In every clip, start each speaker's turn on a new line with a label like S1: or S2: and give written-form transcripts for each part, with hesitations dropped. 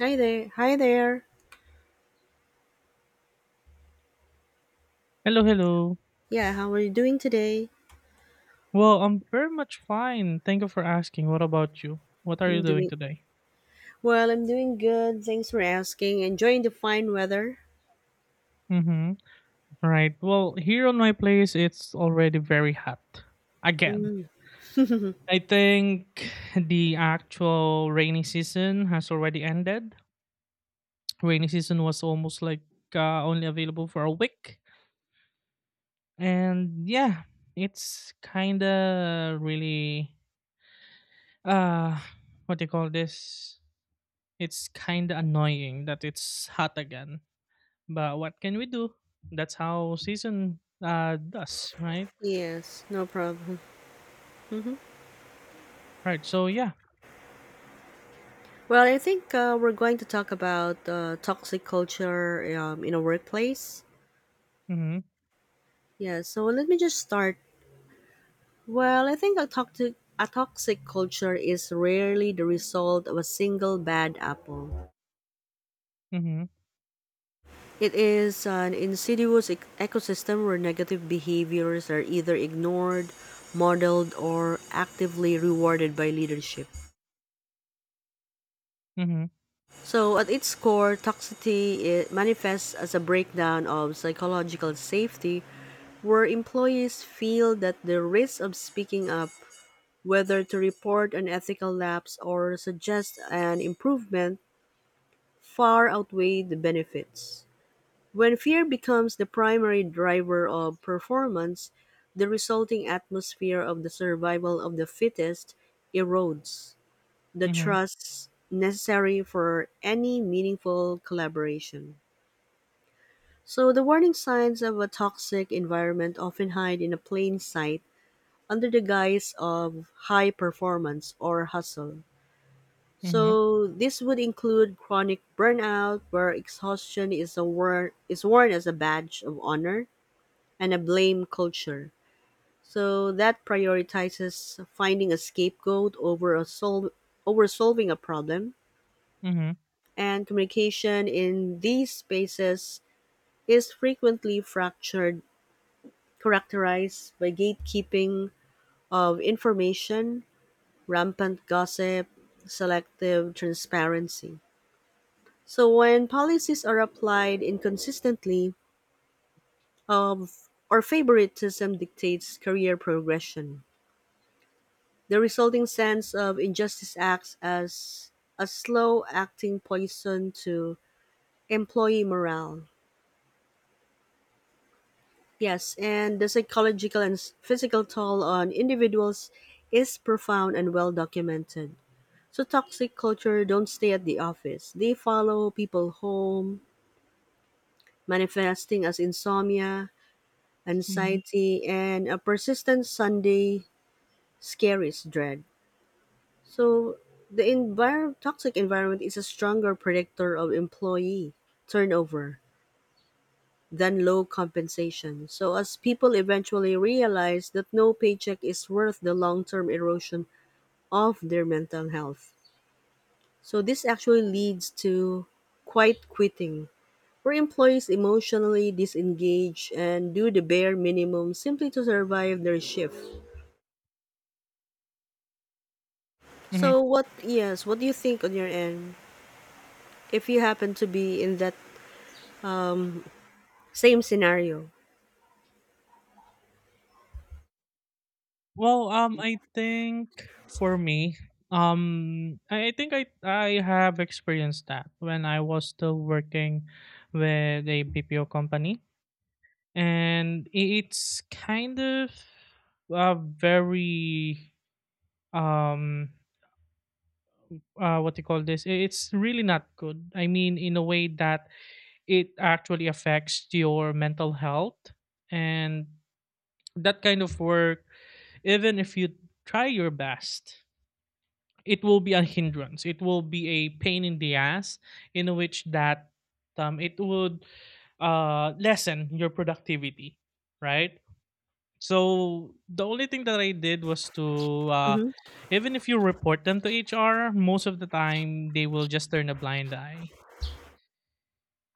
S1: Hi there. Hi there.
S2: Hello, hello.
S1: Yeah, how are you doing today?
S2: Well, I'm very much fine. Thank you for asking. What about you? What are you
S1: I'm
S2: doing
S1: doing
S2: today?
S1: I'm doing good. Thanks for asking. Enjoying the fine weather.
S2: Mm-hmm. Right. Well, here on my place, it's already very hot. Again. I think the actual rainy season has already ended. Rainy season was almost like only available for a week. And yeah, it's kind of uh, what do you call this? It's kind of annoying that it's hot again. But what can we do? That's how season does, right?
S1: Yes, no problem.
S2: Right. So yeah.
S1: Well, I think we're going to talk about toxic culture in a workplace.
S2: Mhm.
S1: Yeah, so let me just start. Well, I think a toxic culture is rarely the result of a single bad apple.
S2: Mhm.
S1: It is an insidious ecosystem where negative behaviors are either ignored, modeled, or actively rewarded by leadership.
S2: Mhm.
S1: So, at its core, toxicity it manifests as a breakdown of psychological safety where employees feel that the risk of speaking up, whether to report an ethical lapse or suggest an improvement, far outweigh the benefits. When fear becomes the primary driver of performance, the resulting atmosphere of the survival of the fittest erodes the
S2: Mhm.
S1: trust necessary for any meaningful collaboration. So, the warning signs of a toxic environment often hide in a plain sight under the guise of high performance or hustle.
S2: Mhm.
S1: So, this would include chronic burnout, where exhaustion is worn as a badge of honor, and a blame culture. So that prioritizes finding a scapegoat over solving a problem,
S2: Mhm.
S1: and communication in these spaces is frequently fractured, characterized by gatekeeping of information, rampant gossip, selective transparency. So when policies are applied inconsistently, of or favoritism dictates career progression. The resulting sense of injustice acts as a slow acting poison to employee morale. Yes, and the psychological and physical toll on individuals is profound and well documented. So toxic culture don't stay at the office. They follow people home, manifesting as insomnia,
S2: Mhm.
S1: anxiety, and a persistent Sunday scaries dread. So the toxic environment is a stronger predictor of employee turnover than low compensation. So as people eventually realize that no paycheck is worth the long-term erosion of their mental health. So this actually leads to quiet quitting, where employees emotionally disengage and do the bare minimum simply to survive their shift.
S2: Mhm.
S1: So what yes, what do you think on your end? If you happen to be in that um same scenario.
S2: Well, I think for me, I think I have experienced that when I was still working with a BPO company, and it's kind of very um what you call this, it's really not good. I mean, in a way that it actually affects your mental health, and that kind of work, even if you try your best, it will be a hindrance, it will be a pain in the ass, in which that it would lessen your productivity, right? So the only thing that I did was to
S1: Mhm.
S2: even if you report them to HR, most of the time they will just turn a blind eye.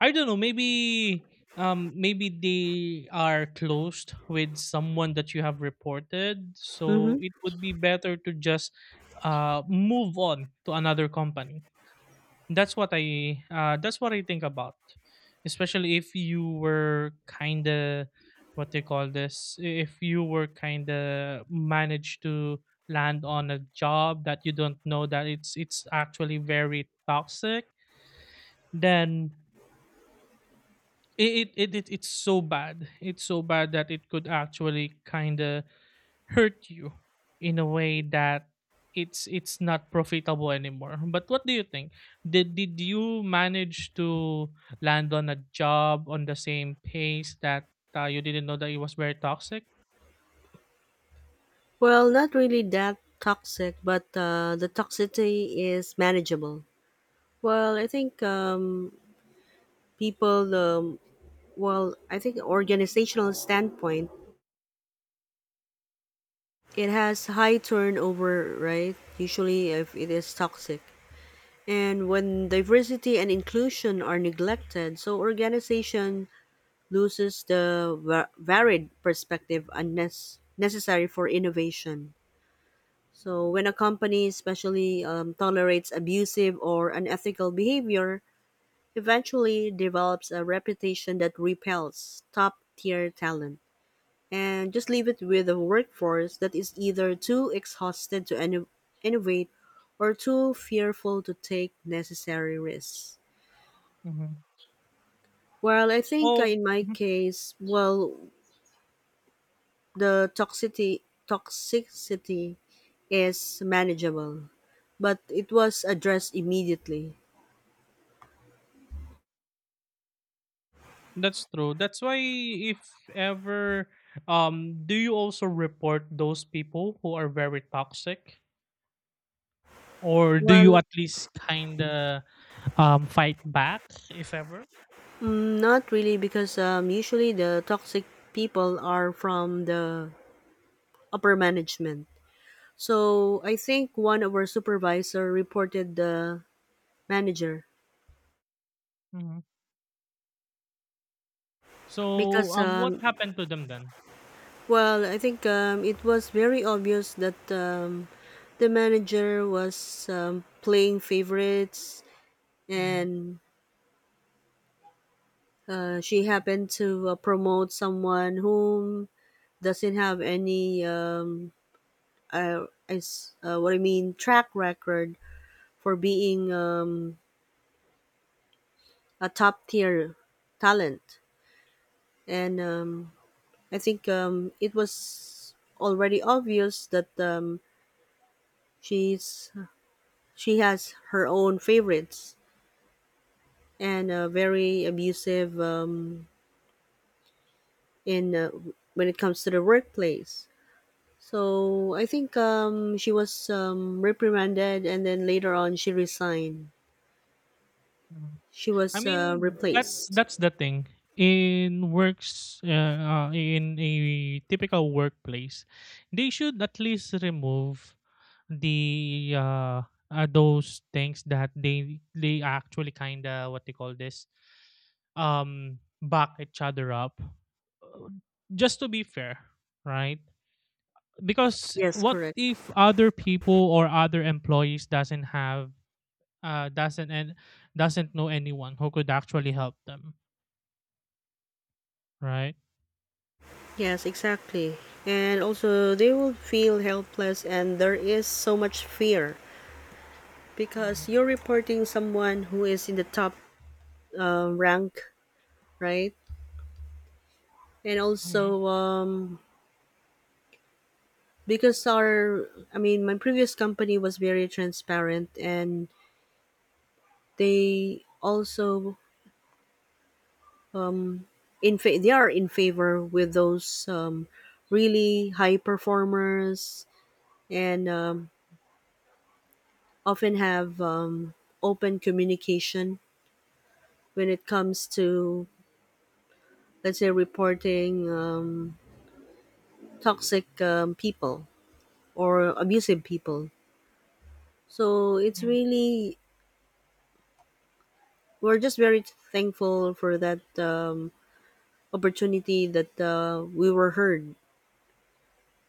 S2: I don't know. Maybe maybe they are closed with someone that you have reported, so
S1: Mhm.
S2: it would be better to just move on to another company. That's what I that's what I think about. Especially if you were kind of what they call this, if you were kind of managed to land on a job that you don't know that it's actually very toxic, then it's so bad. It's so bad that it could actually kind of hurt you in a way that it's not profitable anymore. But what do you think? Did you manage to land on a job on the same pace that you didn't know that it was very toxic?
S1: Well, not really that toxic, but the toxicity is manageable. Well, I think people. Well, I think organizational standpoint, it has high turnover, right? Usually, if it is toxic, and when diversity and inclusion are neglected, so organization loses the varied perspective unnecessary necessary for innovation. So, when a company especially tolerates abusive or unethical behavior, eventually develops a reputation that repels top tier talent and just leave it with a workforce that is either too exhausted to innovate or too fearful to take necessary risks.
S2: Hmm.
S1: Well, I think
S2: Oh,
S1: in my
S2: mhm,
S1: case, well, the toxicity is manageable, but it was addressed immediately.
S2: that's true. That's why if ever do you also report those people who are very toxic, or do you
S1: Well,
S2: at least kind of fight back if ever?
S1: not really, because usually the toxic people are from the upper management. So I think one of our supervisor reported the manager
S2: Mhm. So
S1: because,
S2: um, what happened to them then?
S1: well, I think it was very obvious that the manager was playing favorites,
S2: Hmm.
S1: and she happened to promote someone whom doesn't have any is what I mean track record for being a top tier talent, and I think it was already obvious that she's she has her own favorites and very abusive in when it comes to the workplace. So I think she was reprimanded, and then later on she resigned. She
S2: I
S1: was
S2: mean,
S1: replaced.
S2: that's the thing. In works, in a typical workplace, they should at least remove the those things that they actually kind of what they call this, back each other up, uh, just to be fair, right? Because
S1: Yes,
S2: what
S1: correct.
S2: if other people or other employees doesn't have doesn't, and doesn't know anyone who could actually help them, right?
S1: Yes, exactly. And also, they will feel helpless, and there is so much fear because
S2: Mhm,
S1: you're reporting someone who is in the top rank, right? And
S2: mhm,
S1: also, because I mean, my previous company was very transparent, and they also um, they are in favor with those really high performers and often have open communication when it comes to, let's say, reporting toxic people or abusive people. So it's
S2: mhm.
S1: really, we're just very thankful for that opportunity that we were heard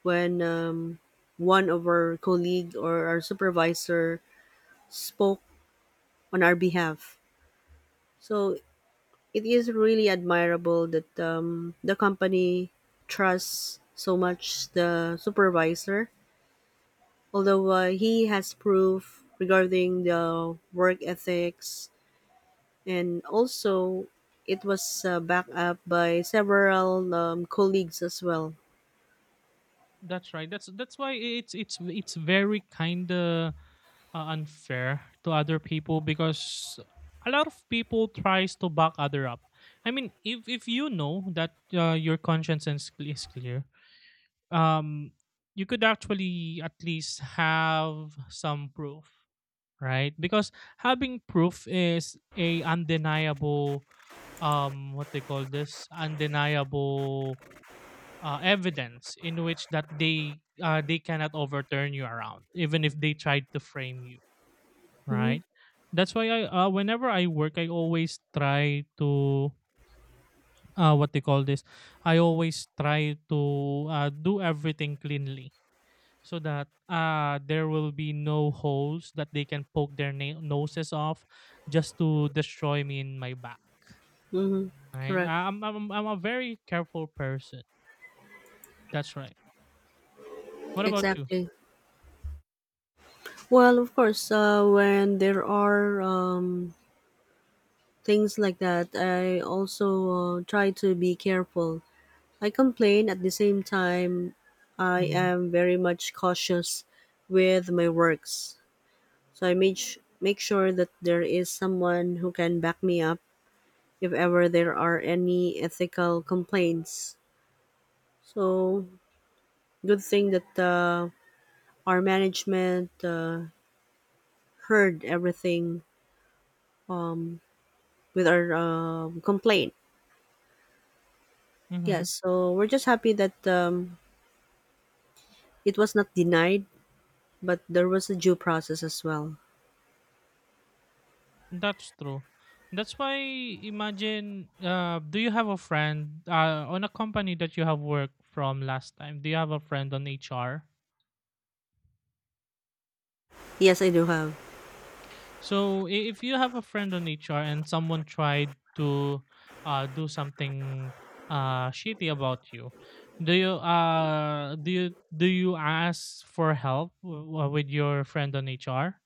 S1: when one of our colleague or our supervisor spoke on our behalf. So it is really admirable that the company trusts so much the supervisor although he has proof regarding the work ethics, and also it was backed up by several colleagues as well.
S2: That's right. That's why it's it's very kind of unfair to other people, because a lot of people tries to back other up. I mean, if you know that your conscience is is clear, um, you could actually at least have some proof, right? Because having proof is a undeniable what they call this, undeniable evidence in which that they cannot overturn you around even if they tried to frame you,
S1: Hmm.
S2: right? That's why I whenever I work I always try to what they call this, I always try to do everything cleanly, so that there will be no holes that they can poke their noses off just to destroy me in my back,
S1: Hmm.
S2: right?
S1: Correct.
S2: I'm a very careful person. That's right. What about you?
S1: Exactly. Well, of course when there are things like that, I also try to be careful. I complain at the same time. I
S2: Mm-hmm.
S1: am very much cautious with my works. So I make sure that there is someone who can back me up if ever there are any ethical complaints. So good thing that our management heard everything um, with our complaint.
S2: Mm-hmm.
S1: Yes, so we're just happy that it was not denied, but there was a due process as well.
S2: That's true. That's why, imagine, do you have a friend on a company that you have worked from last time? Do you have a friend on HR?
S1: Yes, I do have.
S2: So, if you have a friend on HR and someone tried to do something shitty about you, do you do you ask for help with your friend on HR,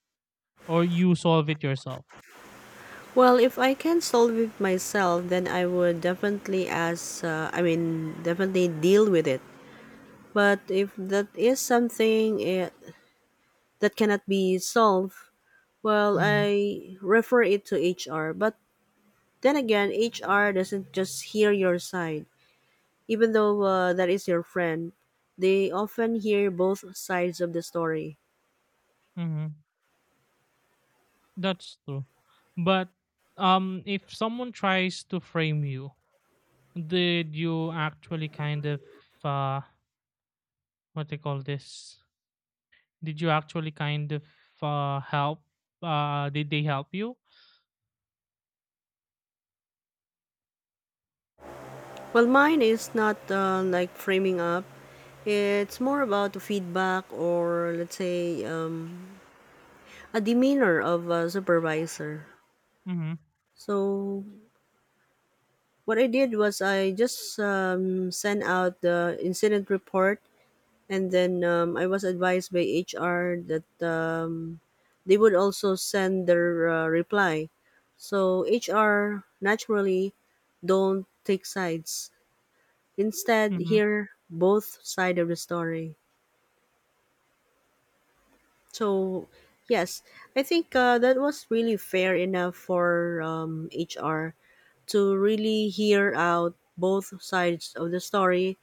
S2: or you solve it yourself?
S1: Well, if I can solve it myself, then I would definitely definitely deal with it. But if that is something that cannot be solved, well, I refer it to HR. But then again, HR doesn't just hear your side, even though that is your friend. They often hear both sides of the story.
S2: Mm-hmm. That's true. But if someone tries to frame you, did you actually kind of uh, what they call this? Did you actually kind of help? Did they help you?
S1: Well, mine is not like framing up. It's more about feedback or let's say a demeanor of a supervisor.
S2: Mm-hmm.
S1: So what I did was I just sent out the incident report, and then I was advised by HR that they would also send their reply. So HR naturally don't take sides. Instead,
S2: Mm-hmm.
S1: hear both side of the story. So yes, I think that was really fair enough for HR to really hear out both sides of the story.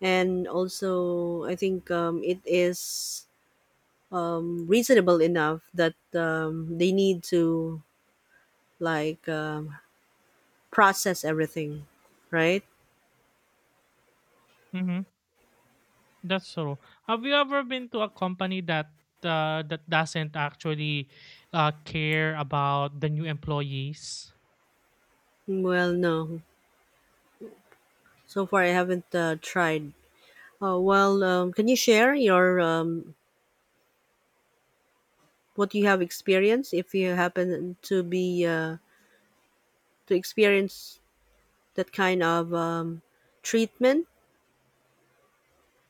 S1: And also I think it is reasonable enough that they need to like process everything, right?
S2: Mm-hmm. That's true. Have you ever been to a company that that doesn't actually care about the new employees?
S1: Well, no, so far I haven't tried. Oh well, can you share your what you have experienced if you happen to be to experience that kind of treatment?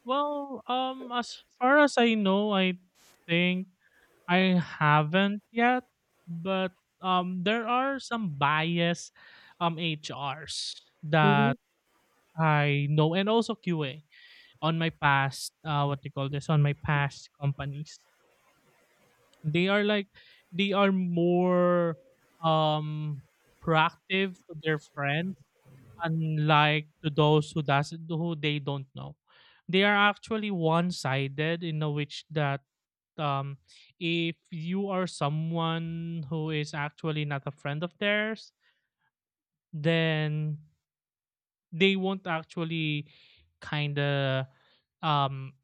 S2: Well, as far as I know, I think I haven't yet, but there are some bias HRs
S1: Hmm.
S2: that I know, and also QA on my past what they call this, on my past companies. They are like they are more um proactive to their friends, unlike to those who doesn't, who they don't know. They are actually one-sided in a which that um if you are someone who is actually not a friend of theirs, then they won't actually kind of um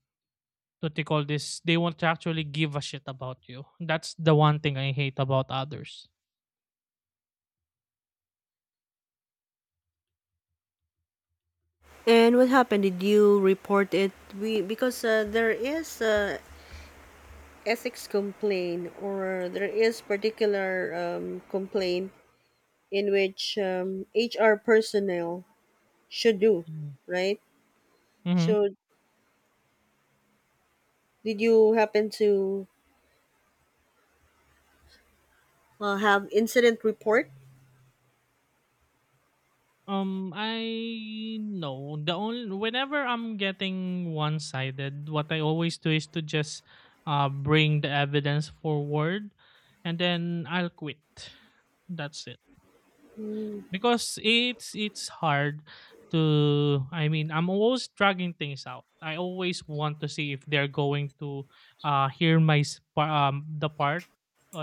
S2: what they call this, they won't actually give a shit about you. That's the one thing I hate about others.
S1: And what happened? Did you report it? We because there is ethics complaint or there is particular complaint in which HR personnel should do, right?
S2: Mm-hmm.
S1: So did you happen to have incident report?
S2: I know, the only whenever I'm getting one-sided, what I always do is to just bring the evidence forward, and then I'll quit. That's it,
S1: Mm-hmm.
S2: because it's hard to, I mean, I'm always dragging things out, I always want to see if they're going to hear my the part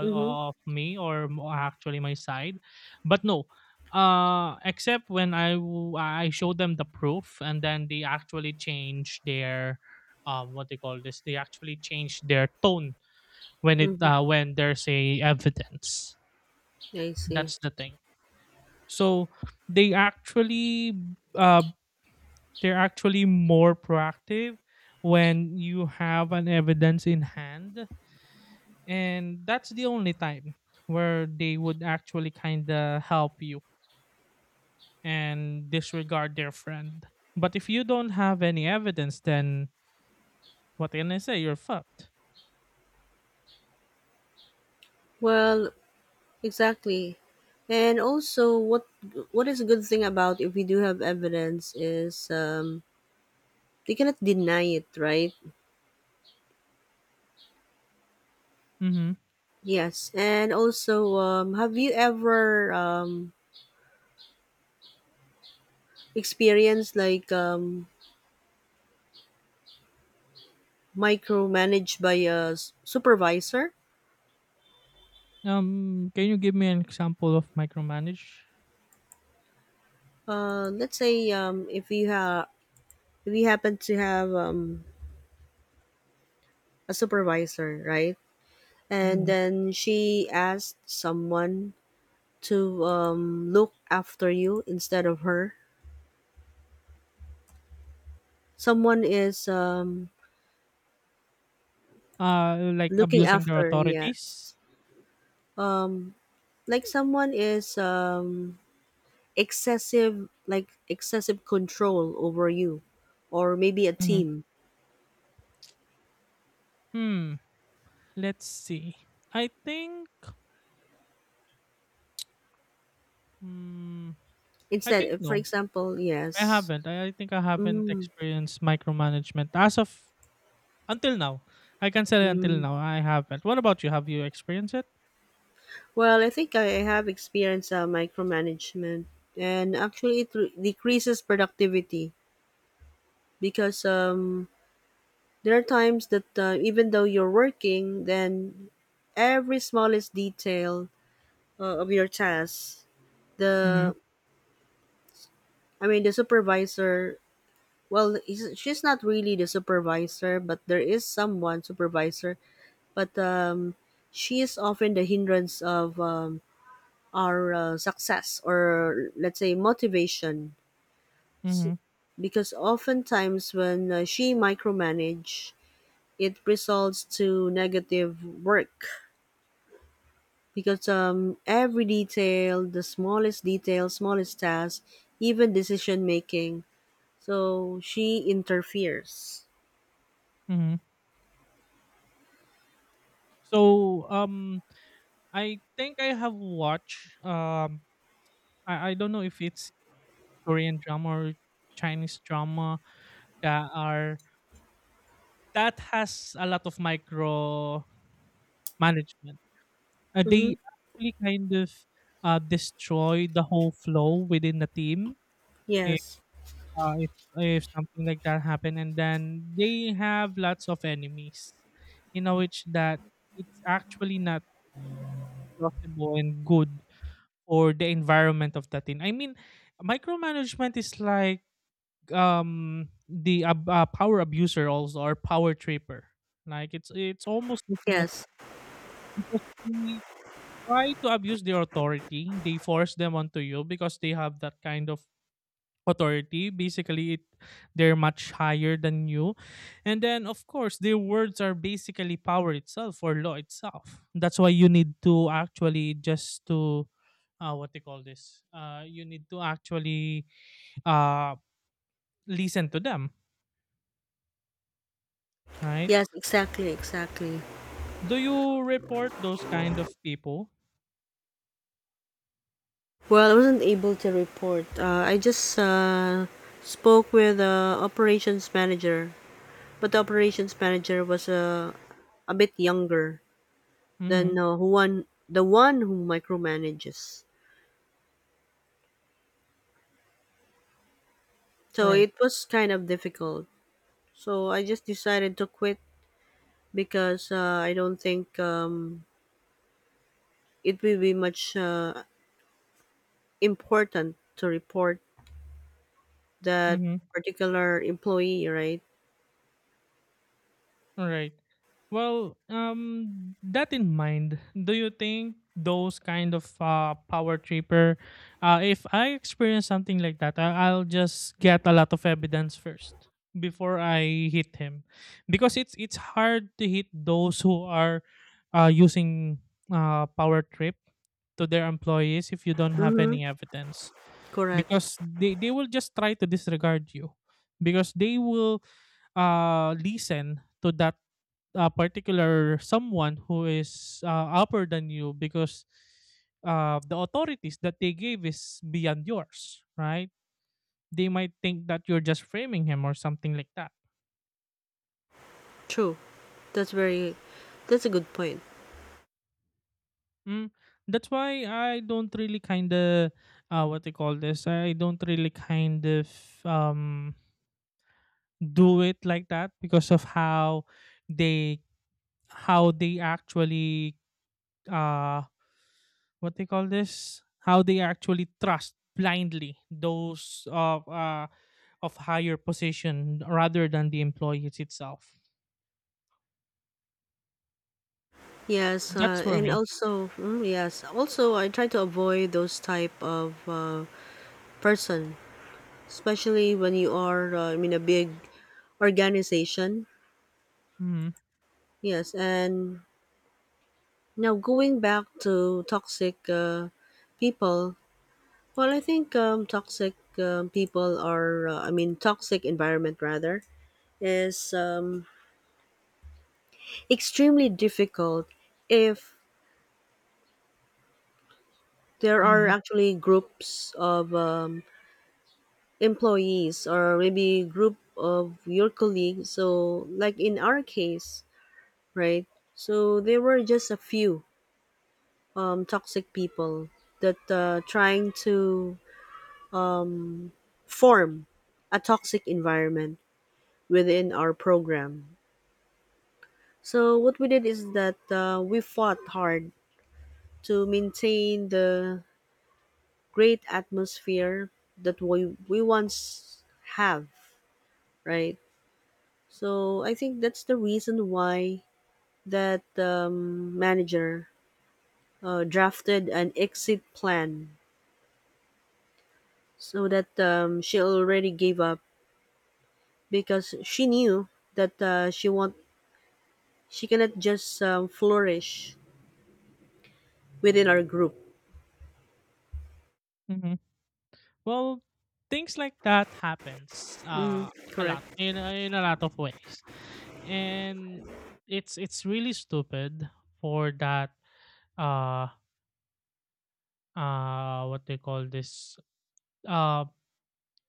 S1: Mm-hmm.
S2: of me, actually my side. But no, except when I show them the proof, and then they actually change their what they call this, they actually change their tone when it
S1: Mm-hmm.
S2: when there's a evidence.
S1: I see.
S2: That's the thing. So they actually uh, they're actually more proactive when you have an evidence in hand, and that's the only time where they would actually kind of help you and disregard their friend. But if you don't have any evidence, then what can I say, you're fucked.
S1: Well, exactly. And also, what is a good thing about if we do have evidence is they cannot deny it, right?
S2: Mm-hmm.
S1: Yes. And also, have you ever experience like micromanaged by a supervisor?
S2: Can you give me an example of micromanage?
S1: Let's say if you happen to have a supervisor, right? And
S2: Mhm.
S1: then she asked someone to look after you instead of her. Someone is
S2: Like
S1: looking
S2: abusing their
S1: after,
S2: authorities?
S1: yes. Um, like someone is excessive, like excessive control over you, or maybe a
S2: Mhm.
S1: team.
S2: Hmm. Let's see. I think. Hmm. I
S1: Instead,
S2: think
S1: for
S2: no.
S1: example,
S2: I
S1: yes.
S2: haven't. I think I haven't
S1: Mm.
S2: experienced micromanagement as of until now. I can say until
S1: Mm.
S2: now I haven't. What about you? Have you experienced it?
S1: Well, I think I have experienced micromanagement, and actually, it decreases productivity because there are times that even though you're working, then every smallest detail of your task,
S2: Mm-hmm.
S1: the I mean, the supervisor. Well, she's not really the supervisor, but there is someone supervisor, but she is often the hindrance of our success or let's say motivation. S-
S2: Mm-hmm.
S1: because oftentimes when she micromanage, it results to negative work because every detail, the smallest detail, smallest task, even decision making, so she interferes.
S2: Mm-hmm. So I think I have watched. I don't know if it's Korean drama or Chinese drama Ka are that has a lot of micro management.
S1: Mm-hmm.
S2: They actually kind of destroy the whole flow within the team. If,
S1: Yes.
S2: uh, if if something like that happen, and then they have lots of enemies, you know, which that it's actually not plausible and good for the environment of the team. I mean, micromanagement is like power abuser also, or power tripper, like it's almost the same.
S1: Yes,
S2: Because they try to abuse their authority. They force them onto you because they have that kind of authority. Basically, it they're much higher than you. And then, of course, their words are basically power itself or law itself. That's why you need to actually just to what they call this. You need to actually uh, listen to them, right?
S1: yes, exactly.
S2: Do you report those kind of people?
S1: Well, I wasn't able to report. I just spoke with the operations manager. But the operations manager was a bit younger
S2: Mm-hmm.
S1: than who one the one who micromanages. So
S2: Right.
S1: it was kind of difficult. So I just decided to quit because I don't think it will be much important to report that
S2: Mm-hmm.
S1: particular employee, right?
S2: All right. Well, that in mind, do you think those kind of power tripper, if I experience something like that, I'll just get a lot of evidence first before I hit him, because it's hard to hit those who are using power trip to their employees if you don't have
S1: Mm-hmm.
S2: any evidence.
S1: Correct.
S2: Because they will just try to disregard you, because they will listen to that particular someone who is upper than you, because the authorities that they gave is beyond yours, right? They might think that you're just framing him or something like that.
S1: True. That's very. That's a good point.
S2: Mm. That's why I don't really kind of what they call this. I don't really kind of um, do it like that, because of they how they actually uh what they call this, how they actually trust blindly those of higher position rather than the employees itself.
S1: Yes,
S2: That's for
S1: and
S2: me.
S1: also yes, also I try to avoid those type of person, especially when you are in a big organization.
S2: Hmm.
S1: Yes, and now going back to toxic people. Well, I think I mean, toxic environment rather is extremely difficult if there are
S2: Hmm.
S1: actually groups of employees or maybe group of your colleagues. So, like in our case, right? So there were just a few toxic people that trying to form a toxic environment within our program. So what we did is that we fought hard to maintain the great atmosphere that we once have, right? So I think that's the reason why that manager drafted an exit plan, so that she already gave up because she knew that she cannot just flourish within our group.
S2: Hmm. Well, things like that happens
S1: Mm,
S2: a
S1: correct.
S2: lot in a lot of ways, and it's really stupid for that uh what they call this, uh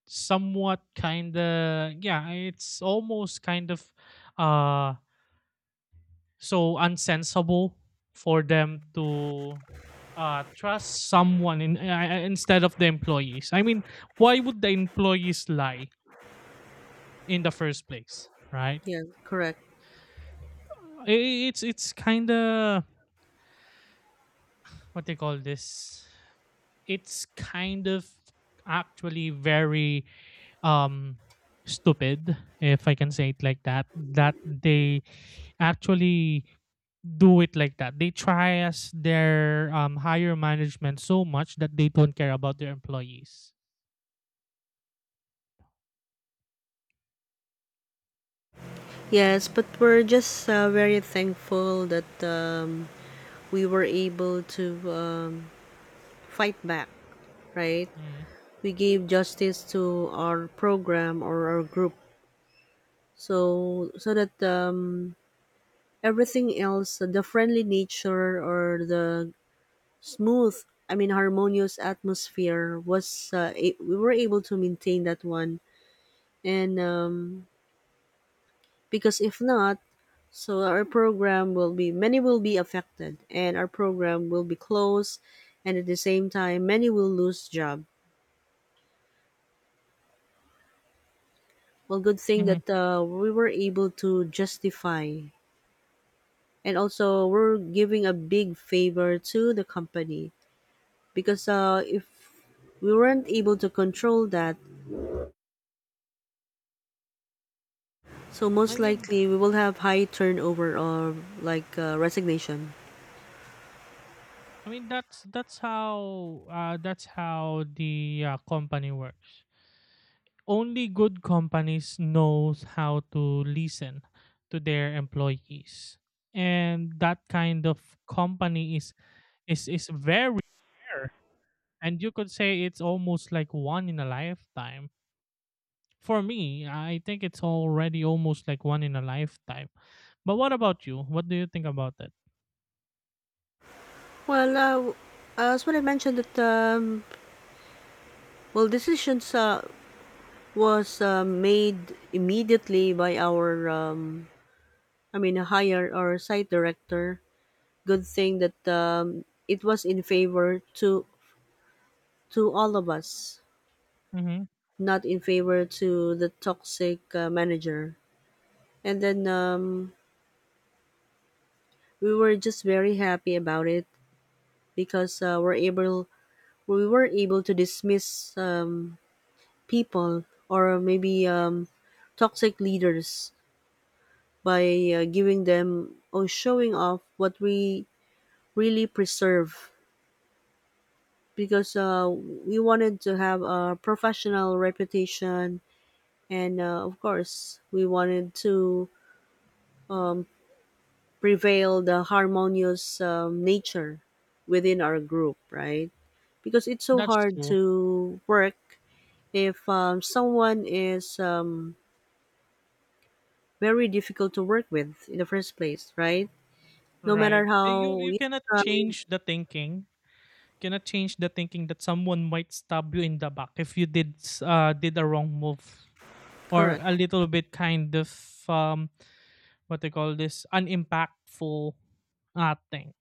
S2: somewhat kind of, yeah, it's almost kind of uh so unsensible for them to trust someone in instead of the employees, I mean, why would the employees lie in the first place, right?
S1: Yeah, correct.
S2: It's kind of what they call this, it's kind of actually very um stupid, if I can say it like that, that they actually do it like that. They trias their higher management so much that they don't care about their employees.
S1: Yes, but we're just very thankful that we were able to fight back, right?
S2: Mm.
S1: We gave justice to our program or our group, so that everything else, the friendly nature or the smooth I mean harmonious atmosphere was a we were able to maintain that one. And because if not, so our program will be many will be affected, and our program will be closed, and at the same time many will lose job. Well, good thing
S2: Hmm.
S1: that we were able to justify, and also we're giving a big favor to the company because if we weren't able to control that, so most
S2: I mean,
S1: likely we will have high turnover or like resignation.
S2: I mean that's how the company works. Only good companies knows how to listen to their employees, and that kind of company is is very rare, and you could say it's almost like one in a lifetime. For me, I think it's already almost like one in a lifetime. But what about you? What do you think about that?
S1: Well, as what I mentioned that well, decisions was made immediately by our higher or site director. Good thing that it was in favor to all of us,
S2: Mm-hmm.
S1: not in favor to the toxic manager. And then we were just very happy about it because we were able to dismiss people or maybe toxic leaders by giving them or showing off what we really preserve because we wanted to have a professional reputation, and of course we wanted to um, prevail the harmonious nature within our group, right? Because it's so
S2: That's
S1: hard
S2: true.
S1: to work if someone is very difficult to work with in the first place, right? No matter
S2: Right. You
S1: how
S2: you
S1: you
S2: cannot
S1: try.
S2: change the thinking. Cannot change the thinking that someone might stab you in the back if you did did a wrong move, or
S1: Correct.
S2: a little bit kind of what they call this, unimpactful thing.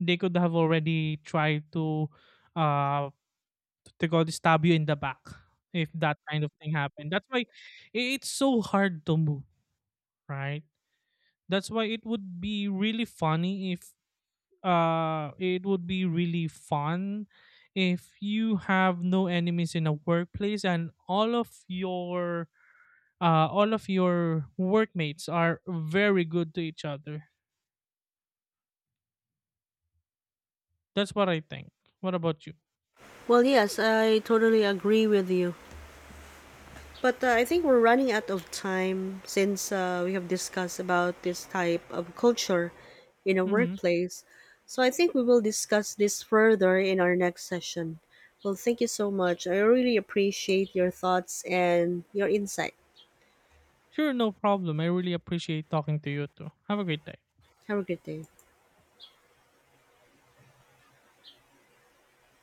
S2: They could have already tried to uh they call this, stab you in the back if that kind of thing happened. That's why, it's so hard to move, right? That's why it would be really funny if it would be really fun if you have no enemies in a workplace, and all of your workmates are very good to each other. That's what I think. What about you?
S1: Well, yes, I totally agree with you. But I think we're running out of time since we have discussed about this type of culture in a
S2: Hmm.
S1: workplace. So I think we will discuss this further in our next session. Well, thank you so much. I really appreciate your thoughts and your insight.
S2: Sure, no problem. I really appreciate talking to you too. Have a great day.
S1: Have a good day.